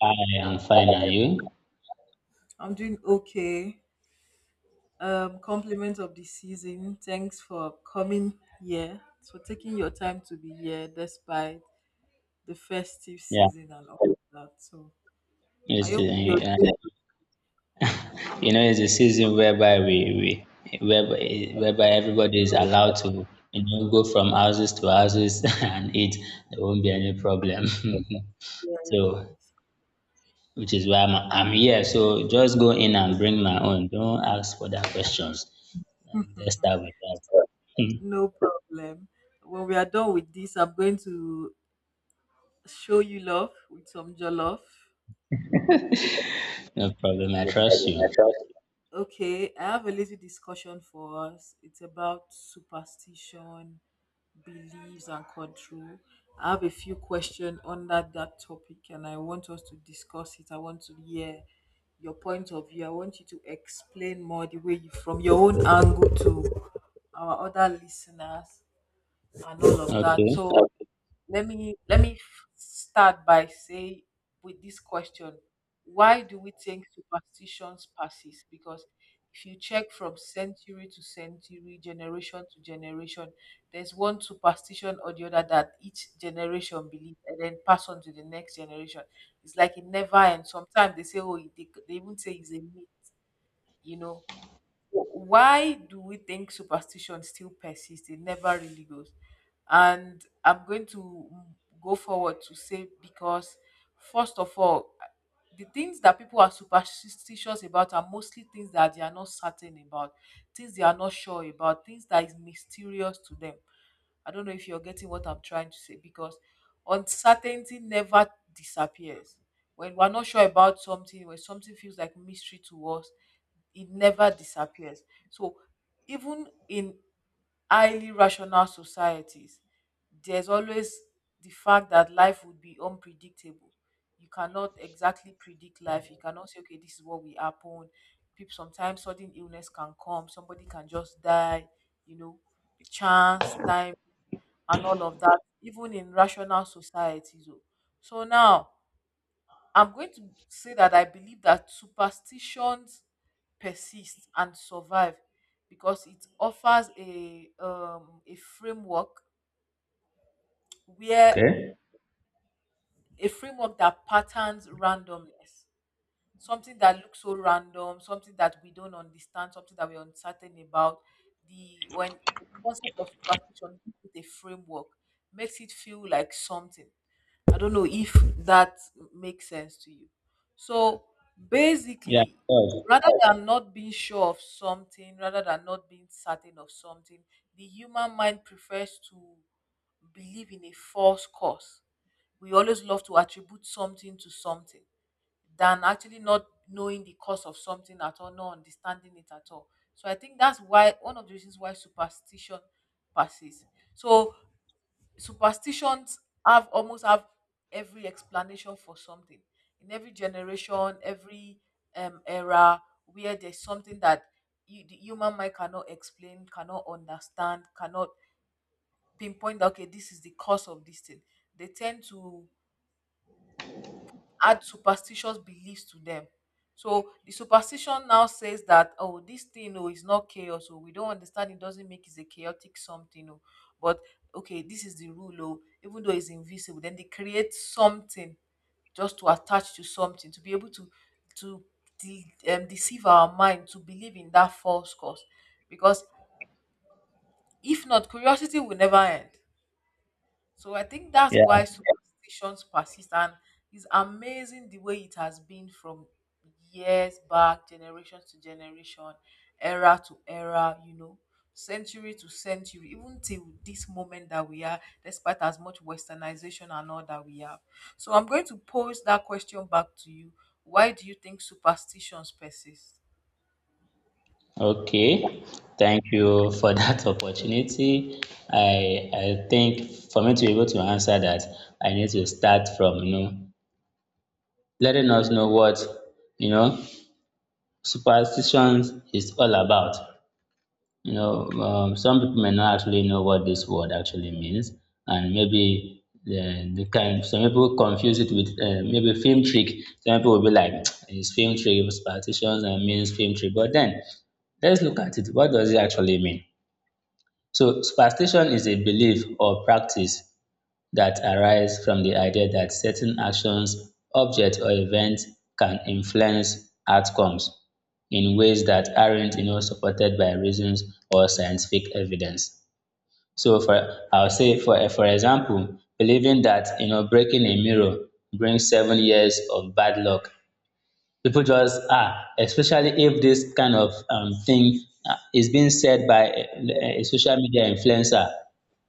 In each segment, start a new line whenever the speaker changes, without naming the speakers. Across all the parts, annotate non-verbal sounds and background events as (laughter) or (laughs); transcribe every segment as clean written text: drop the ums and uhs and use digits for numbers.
I am fine, and you? Yeah, it's the, you know, it's a season whereby whereby everybody is
And
allowed to, you know, go from houses to houses (laughs) and eat. There won't be any problem. (laughs) So, which is why I'm here. So just go in and bring my own. Don't ask further questions. And let's start with that. (laughs) No problem. I trust you. Okay. Okay. Yeah, of course. Okay, thank you for that (laughs) opportunity. I think for me to be able to answer that, I need to start from letting us know what you know superstitions is all about. Some people may not actually know what this word actually means, and maybe the kind some people confuse it with maybe film trick. Some people will be like, (tsk) "It's film trick, superstitions, and means film trick." But then let's look at it. What does it actually mean? So superstition is a belief or practice that arises from the idea that certain actions, objects, or events can influence outcomes in ways that aren't, you know, supported by reasons or scientific evidence. So, for I'll say for example, believing that breaking a mirror brings 7 years of bad luck. People just especially if this kind of thing is being said by a social media influencer,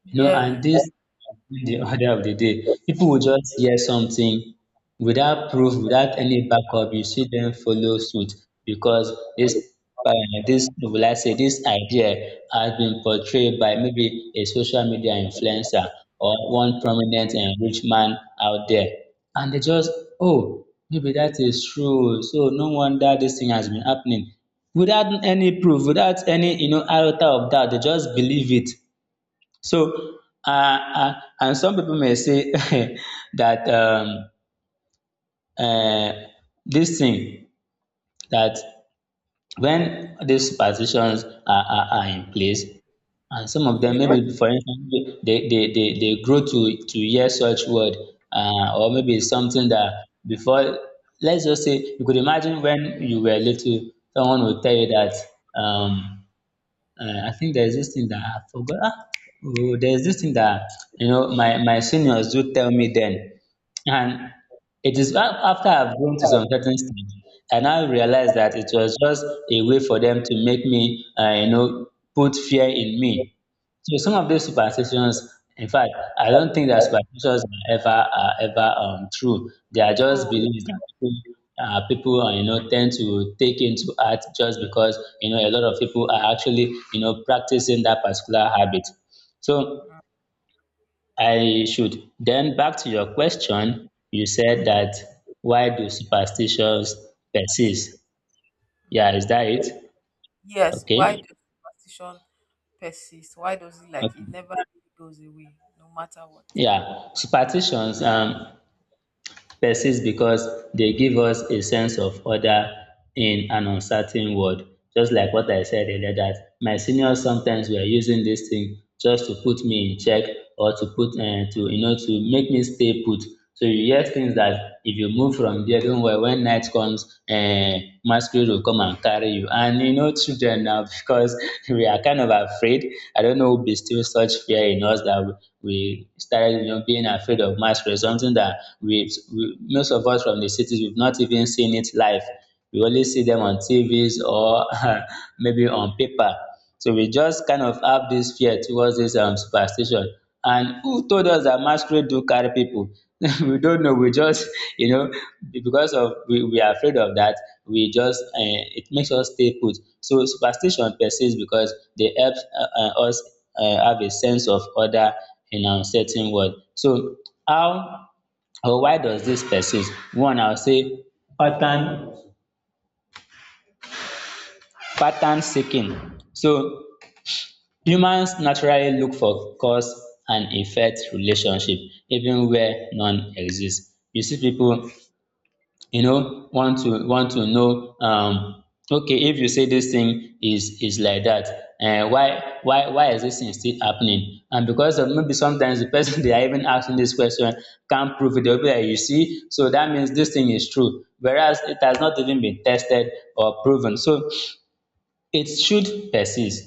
and this has been the order of the day. People will just hear something without proof, without any backup. You see them follow suit because this, uh, will I say, this idea has been portrayed by maybe a social media influencer or one prominent and rich man out there. And they just, oh, maybe that is true. So no wonder this thing has been happening. Without any proof, without any iota of doubt, they just believe it. So, and some people may say (laughs) that uh, this thing that when these superstitions are in place, and some of them maybe for instance they grow to hear such word, or maybe it's something that before, let's just say, you could imagine when you were little, someone would tell you that. Um, I think there's this thing that I forgot. Oh, there's this thing that my seniors do tell me then, and it is after I've grown to some certain stage, and I now realized that it was just a way for them to make me put fear in me. So some of these superstitions, in fact, I don't think that superstitions are ever true. They are just beliefs that people tend to take into heart just because a lot of people are actually practicing that particular habit. So I should then back to your question. You said that, why do superstitions persist? Yeah, is that it? Okay. Okay. Yeah, superstitions persist because they give us a sense of order in an uncertain world. Just like what I said earlier, that my seniors sometimes were using this thing just to put me in check or to make me stay put. So you hear things that, if you move from there, don't worry, when night comes masquerade will come and carry you, and children now, (laughs) because we are kind of afraid. I don't know who bestilled such fear in us that we started being afraid of masquerade, something that we most of us from the cities, we've not even seen it live. We only see them on TVs or (laughs) maybe on paper. So we just kind of have this fear towards this superstition. And who told us that masquerade do carry people? (laughs) We don't know. We just, (laughs) you know, because of we are afraid of that, we just, it makes us stay put. So superstition persists because they help us have a sense of order in an uncertain world. So how or why does this persist? One, I'll say pattern pattern seeking. So humans naturally look for cause and effect relationship even where none exist. You see people want to know, okay, if you say this thing is like that, why is this thing still happening? And because of maybe sometimes the person, (laughs) they are even asking this question, can't prove it, dey go be like, you see, so that means this thing is true, whereas it has not even been tested or proven. So it should persist.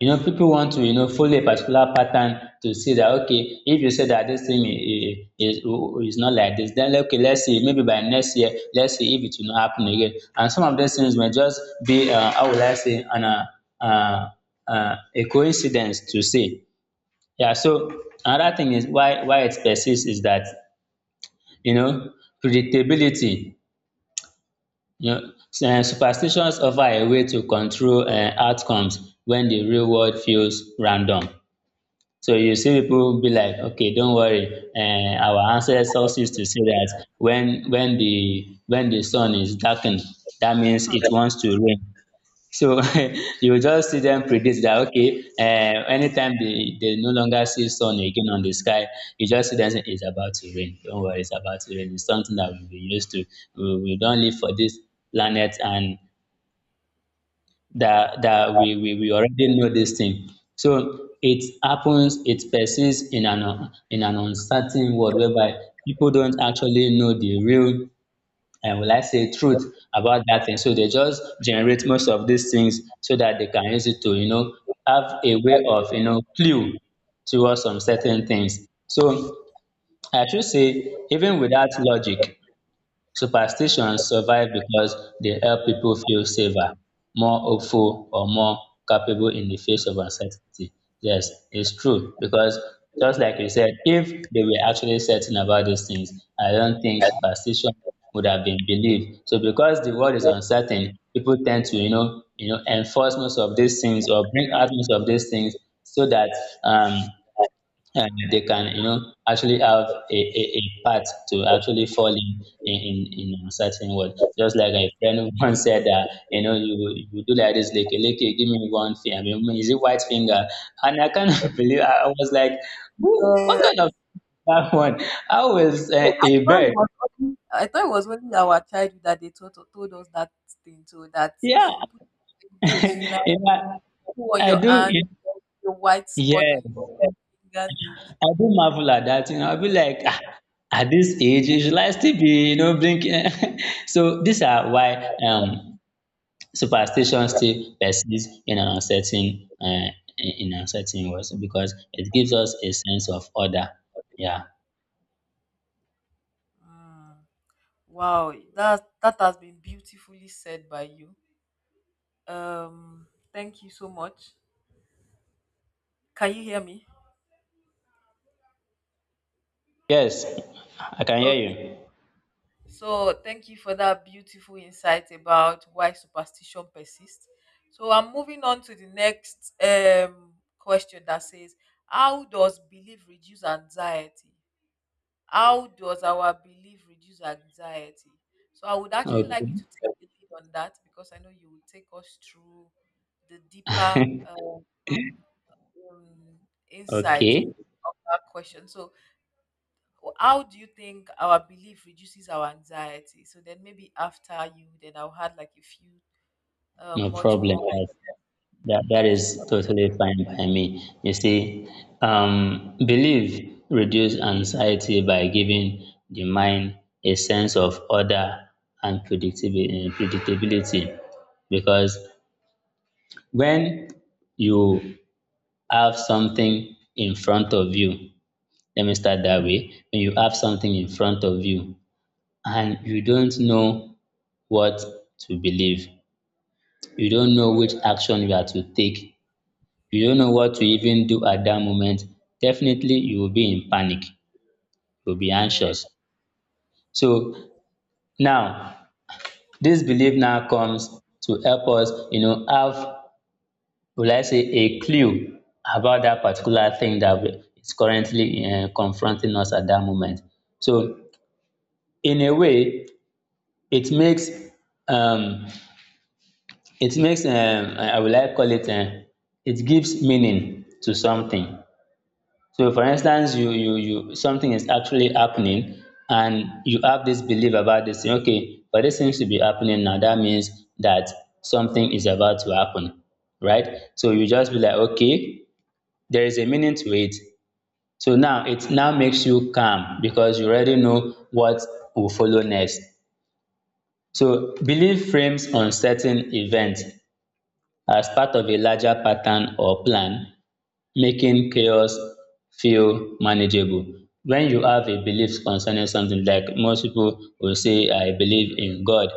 You know, people want to, you know, follow a particular pattern to see that, okay, if you say that this thing is not like this, then, okay, let's see, maybe by next year, let's see if it will not happen again. And some of these things may just be, how would I say, uh, a coincidence to see. Yeah, so another thing is, why it persists is that, you know, predictability, you know, Superstitions offer a way to control outcomes when the real world feels random. So you see people will be like, okay, don't worry. Our ancestors used to say that when the sun is darkened, that means it wants to rain. So (laughs) you just see them predict that, okay, anytime they no longer see sun again on the sky, you just see them say it's about to rain. Don't worry, it's about to rain. It's something that we've been used to. We don't live for this planet, and that we already know this thing. So it happens, it persists in an uncertain world whereby people don't actually know the real and, will I say, truth about that thing. So they just generate most of these things so that they can use it to have a way of clue towards some certain things. So I should say, even with that logic, superstitions survive because they help people feel safer, more hopeful, or more capable in the face of uncertainty. Yes, it's true, because just like you said, if they were actually certain about these things, I don't think superstition would have been believed. So because the world is uncertain, people tend to enforce most of these things or bring out most of these things, so that um and they can actually have a path to actually fall in a certain word, just like a friend (laughs) once said that you do like this, like give me one finger. I mean, is it white finger? And I can't (laughs) believe. I was like, who, what kind of (laughs) that one? How is a bird? Yeah. (laughs) you know, I do it. Yeah, I do marvel at that. You know, I'll be like, ah, at this age, you should I still be drinking? (laughs) So these are why superstition still persists in an uncertain in uncertain world because it gives us a sense of order. Yeah. Yes, I can hear you. Okay. (laughs) Okay. No problem. Yes. That is totally fine by me. You see, belief reduce anxiety by giving the mind a sense of order and predictability. Because when you have something in front of you, let me start that way. When you have something in front of you and you don't know what to believe, you don't know which action you are to take, you don't know what to even do at that moment, definitely you will be in panic, you will be anxious. So now, this belief now comes to help us have, will I say, a clue about that particular thing that is currently confronting us at that moment. So in a way, it makes, um, I would like call it. It gives meaning to something. So for instance, you something is actually happening, and you have this belief about this thing, okay, but this seems to be happening now. That means that something is about to happen, right? So you just be like, okay, there is a meaning to it. So now it now makes you calm because you already know what will follow next. So belief frames uncertain events as part of a larger pattern or plan, making chaos feel manageable. When you have a belief concerning something, like, most people will say, "I believe in God,"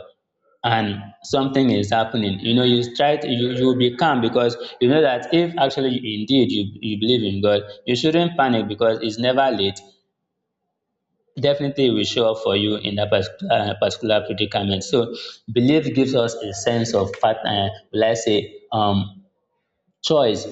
and something is happening, you know, you try to you will be calm because you know that if actually indeed you believe in God, you shouldn't panic because it's never late. Definitely it will show up for you in that particular predicament. So belief gives us a sense of part will I say, choice,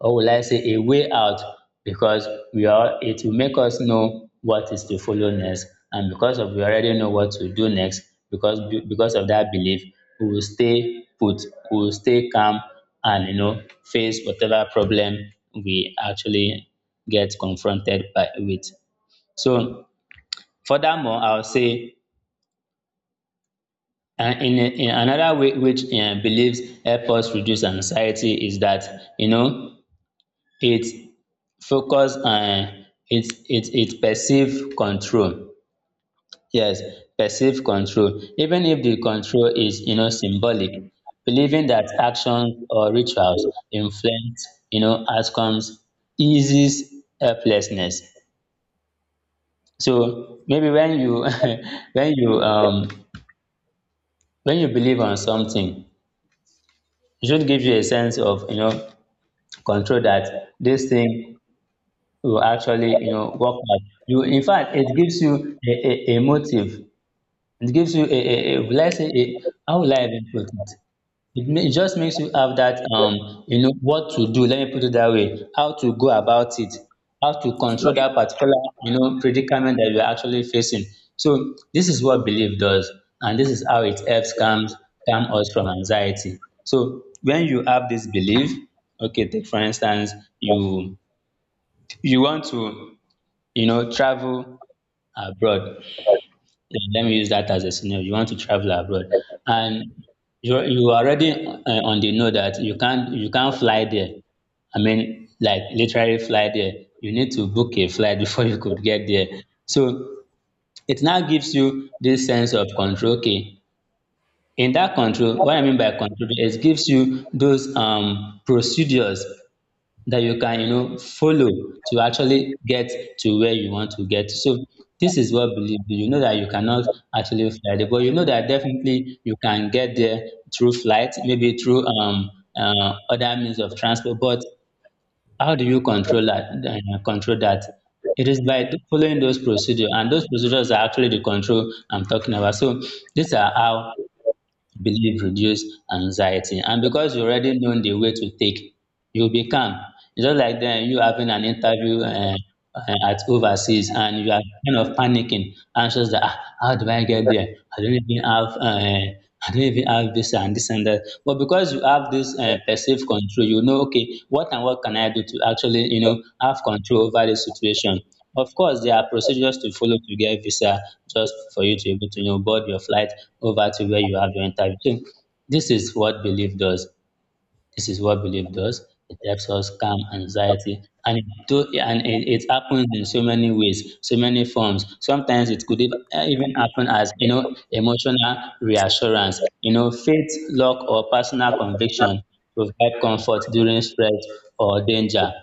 or will I say a way out, because we are it will make us know what is to follow next. And because of we already know what to do next, because because of that belief, we will stay put, we will stay calm, and, you know, face whatever problem we actually get confronted by with. So furthermore, I'll say, and in another way which, beliefs help us reduce anxiety is that, you know, it focus it perceived control. Yes, perceived control, even if the control is, you know, symbolic. Believing that actions or rituals influence, you know, outcomes, eases helplessness. So maybe when you (laughs) when you um when you believe on something, it should give you a sense of, you know, control that this thing will actually, you know, work out. You In fact, it gives you a a motive. It gives you a, let's say, a, how will I even put it? It just makes you have that, you know, what to do. Let me put it that way. How to go about it. How to control that particular, you know, predicament that you're actually facing. So this is what belief does, and this is how it helps calm us from anxiety. So when you have this belief, okay, take for instance, you you want to, you know, travel abroad. Yeah, let me use that as a scenario. You want to travel abroad, and you already, on the know that you can't fly there. I mean, like, literally fly there. You need to book a flight (laughs) before you could get there. So it now gives you this sense of control. Okay, in that control, what I mean by control is, gives you those, procedures that you can, you know, follow to actually get to where you want to get. So this is what belief do. You know that you cannot actually fly there, but you know that definitely you can get there through flight, maybe through other means of transport. But how do you control that, control that? It is by following those procedures, and those procedures are actually the control I'm talking about. So these are how belief reduce anxiety, and because you already know the way to take, you'll be calm. It's just like then you having an interview, at overseas, and you are kind of panicking, anxious, that, ah, how do I get there? I don't even have, I don't even have this and this and that. But because you have this, perceived control, you know, okay, what and what can I do to actually, you know, have control over the situation. Of course, there are procedures to follow to get visa, just for you to be able to, you know, board your flight over to where you have your interview. So this is what belief does. This is what belief does. It helps us calm anxiety, and it do, and it happens in so many ways, so many forms. Sometimes it could even happen as, you know, emotional reassurance. You know, faith, luck, or personal conviction provide comfort during stress or danger.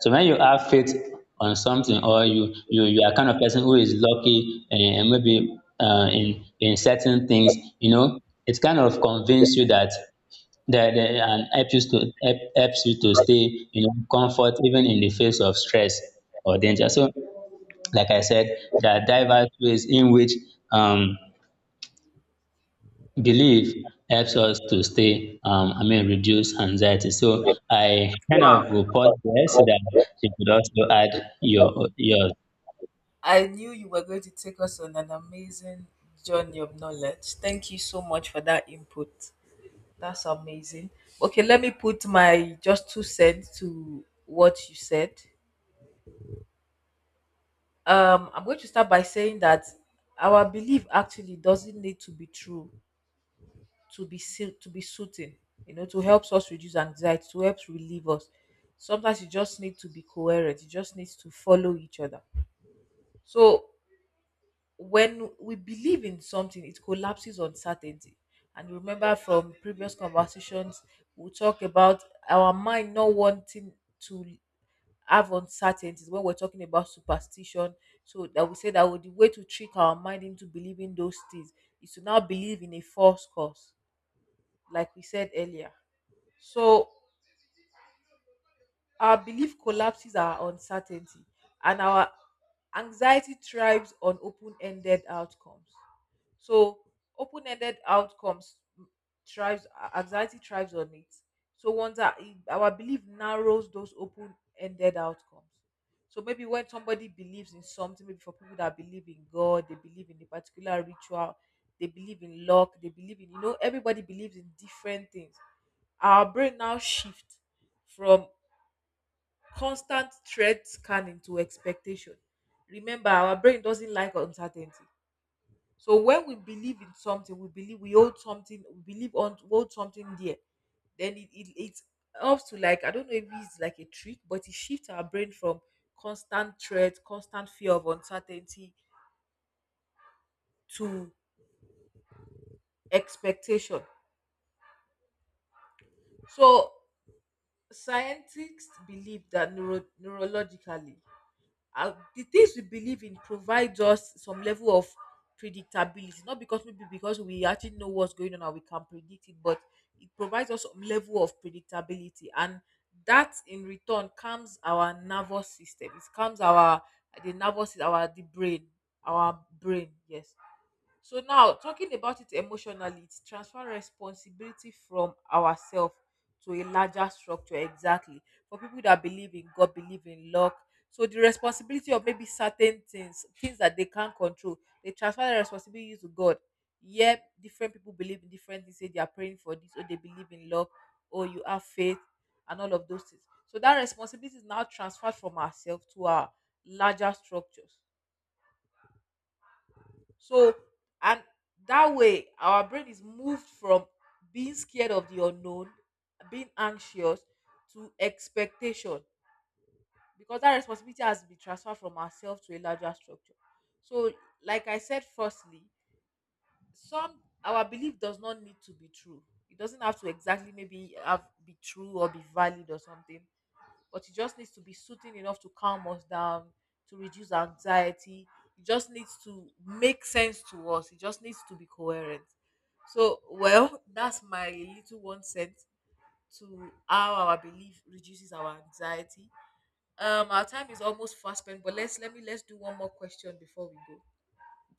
So when you have faith on something, or you you are kind of person who is lucky, and maybe, in certain things, you know, it kind of convinces you that and helps you to helps you to stay, you know, comfort, even in the face of stress or danger. So like I said, there are diverse ways in which um belief helps us to stay, I mean, reduce anxiety. So I kind of will pause there so that you could also add yours.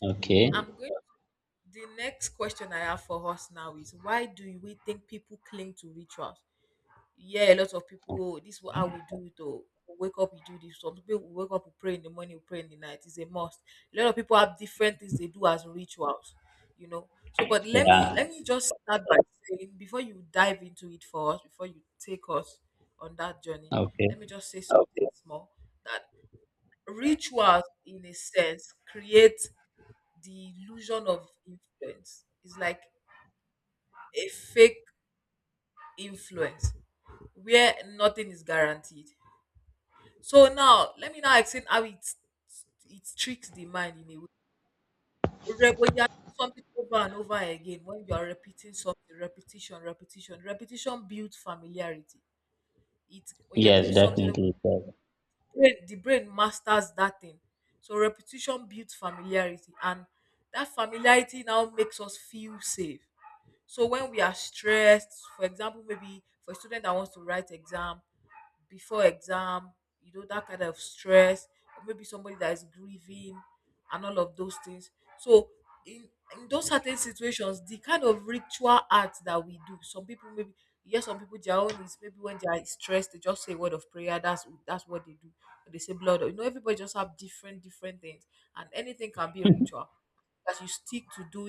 Okay. Yeah. Okay. Yes, definitely. So,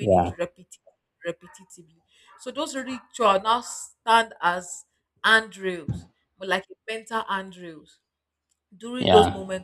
yeah. Yeah.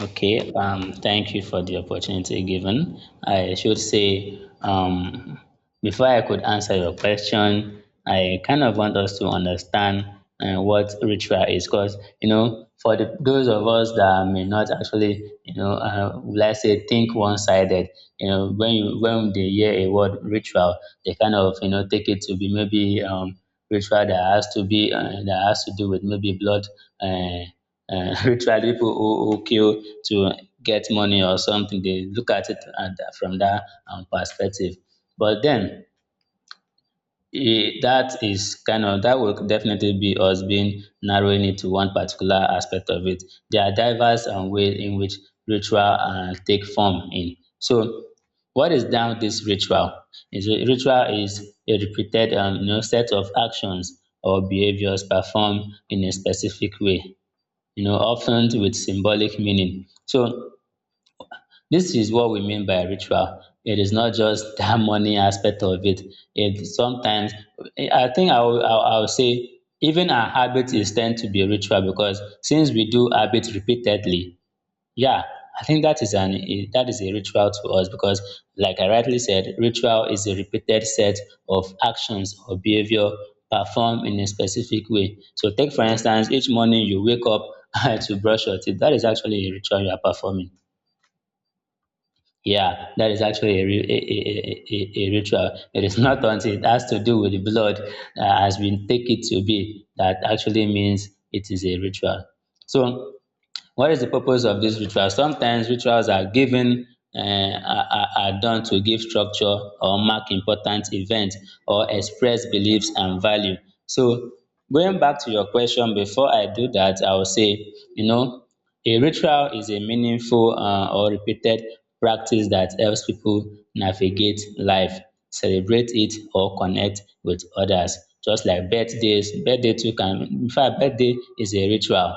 Okay, thank you for the opportunity given. I should say, before I could answer your question, I kind of want us to understand, what ritual is, because, you know, for the, those of us that may not actually, you know, let's say, think one-sided, you know, when they hear a word ritual, they kind of, you know, take it to be, maybe, ritual that has to be, that has to do with maybe blood, uh, (laughs) ritual, people who kill to get money, or something. They look at it at, from that, perspective, but then, eh, that is kind of, that will definitely be us being narrowing it to one particular aspect of it. There are diverse and ways in which ritual, take form in. So what is now this ritual? Ritual is a repeated, you know, set of actions or behaviors performed in a specific way, you know, often with symbolic meaning. So this is what we mean by ritual. It is not just (laughs) that money aspect of it. It sometimes, I think I will, I will say, even our habit is tend to be ritual, because since we do habit repeatedly, yeah, I think that is an that is a ritual to us, because, like I rightly said, ritual is a repeated set of actions or behavior performed in a specific way. So, take for instance, each morning you wake up (laughs) to brush your teeth. That is actually a ritual you are performing. Yeah, that is actually a, a, a ritual. It is (laughs) not until it has to do with the blood, as we take it to be, that actually means it is a ritual. So what is the purpose of these rituals? Sometimes rituals are given, um, are are done to give structure, or mark important events, or express beliefs and value. So going back to your question, before I do that, I will say, you know, a ritual is a meaningful, or repeated practice that helps people navigate life, celebrate it, or connect with others. Just like birthdays, birthday too can, in fact birthday is a ritual.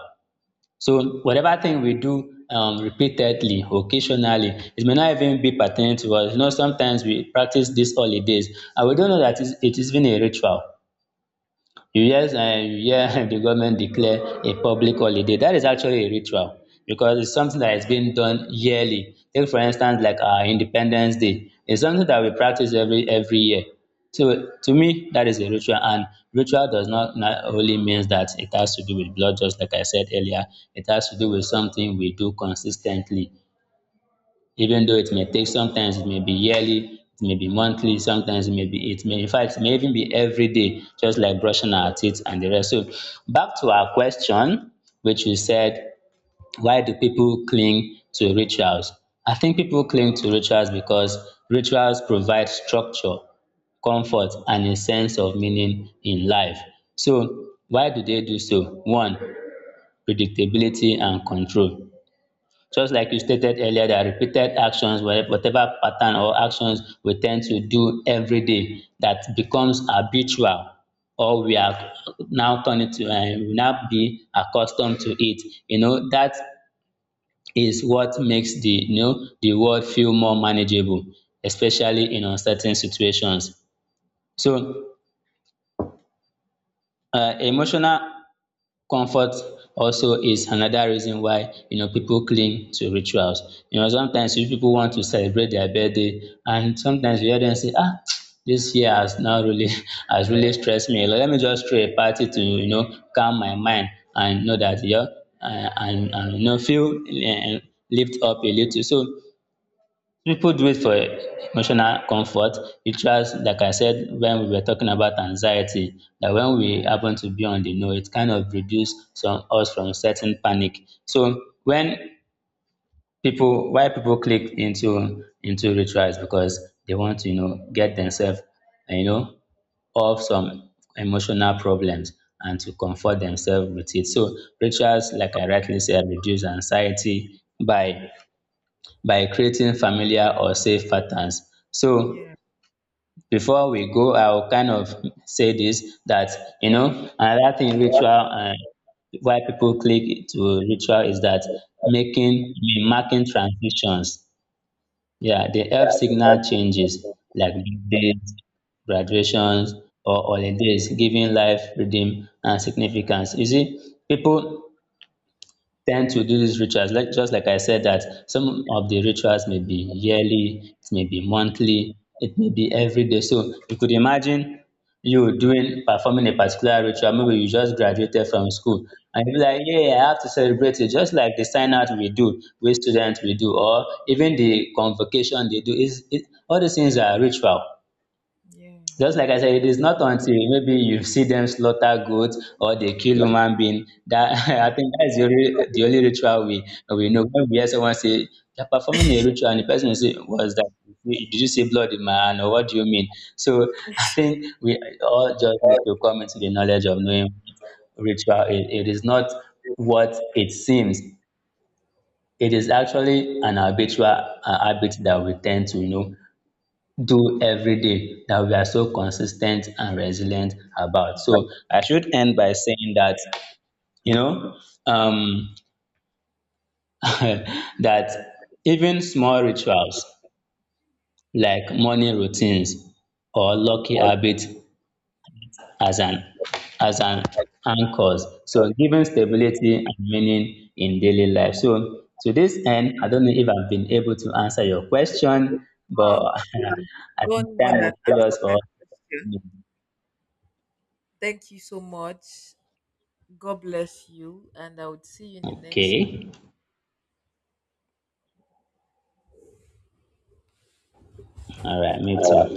So whatever thing we do, repeatedly, occasionally, it may not even be pertinent to us. You know, sometimes we practice these holidays and we don't know that it is even a ritual. You hear, you hear (laughs) the government declare a public holiday, that is actually a ritual, because it's something that is being done yearly. Take for instance, like our Independence Day, it's something that we practice every year. So to me, that is a ritual. And ritual does not only means that it has to do with blood. Just like I said earlier, it has to do with something we do consistently, even though it may take, sometimes it may be yearly, it may be monthly, sometimes it may be, it may, in fact, it may even be every day, just like brushing our teeth and the rest. So back to our question, which we said, why do people cling to rituals? I think people cling to rituals because rituals provide structure, comfort, and a sense of meaning in life. So why do they do so? One, predictability and control. Just like you stated earlier, that repeated actions, whatever pattern or actions we tend to do every day, that becomes habitual, or we are now turning to, we now be accustomed to it. You know, that is what makes the, you know, the world feel more manageable, especially in uncertain situations. So, emotional comfort also is another reason why, you know, people cling to rituals. You know, sometimes if people want to celebrate their birthday, and sometimes you hear them say, ah, (tsk) this year has now really (laughs) has really stressed me a lot, let me just throw a party to, you know, calm my mind, and know that, you know, and, you know, feel, um, lift up a little. So people do it for emotional comfort. It just like I said when we were talking about anxiety, that when we happen to be on the know, it kind of reduce some us from certain panic. So when people, why people click into rituals, because they want to, you know, get themselves, you know, off some emotional problems, and to comfort themselves with it. So rituals, like I rightly said, reduce anxiety by creating familiar or safe patterns. So before we go, I will kind of say this, that, you know, another thing ritual, and why people click to ritual, is that making I mean, marking transitions. Yeah, they help signal changes, like birthdays, graduations, or holidays, giving life rhythm and significance. You see, people tend to do these rituals, like, just like I said, that some of the rituals may be yearly, it may be monthly, it may be every day. So you could imagine you doing performing a particular ritual, maybe you just graduated from school, and you be like, yeah, I have to celebrate it, just like the sign out we do wey students we do, or even the convocation they do, is, it, all these things are ritual. Just like I said, it is not until maybe you see them slaughter goats or they kill human being, that (laughs) I think that's the only ritual we know. When we hear someone say they're performing a ritual, and the person will say, "What's that? Did you see blood in my hand, or what do you mean?" So (laughs) I think we all just need to come into the knowledge of knowing ritual is. It is not what it seems. It is actually an habitual, habit that we tend to, you know, do every day, that we are so consistent and resilient about. So I should end by saying that, you know, um, (laughs) that even small rituals, like morning routines or lucky habits, as an as an anchors. So giving stability and meaning in daily life. So to this end, I don't know if I've been able to answer your question, but (laughs) I think time will fail us for, okay. All right, me too.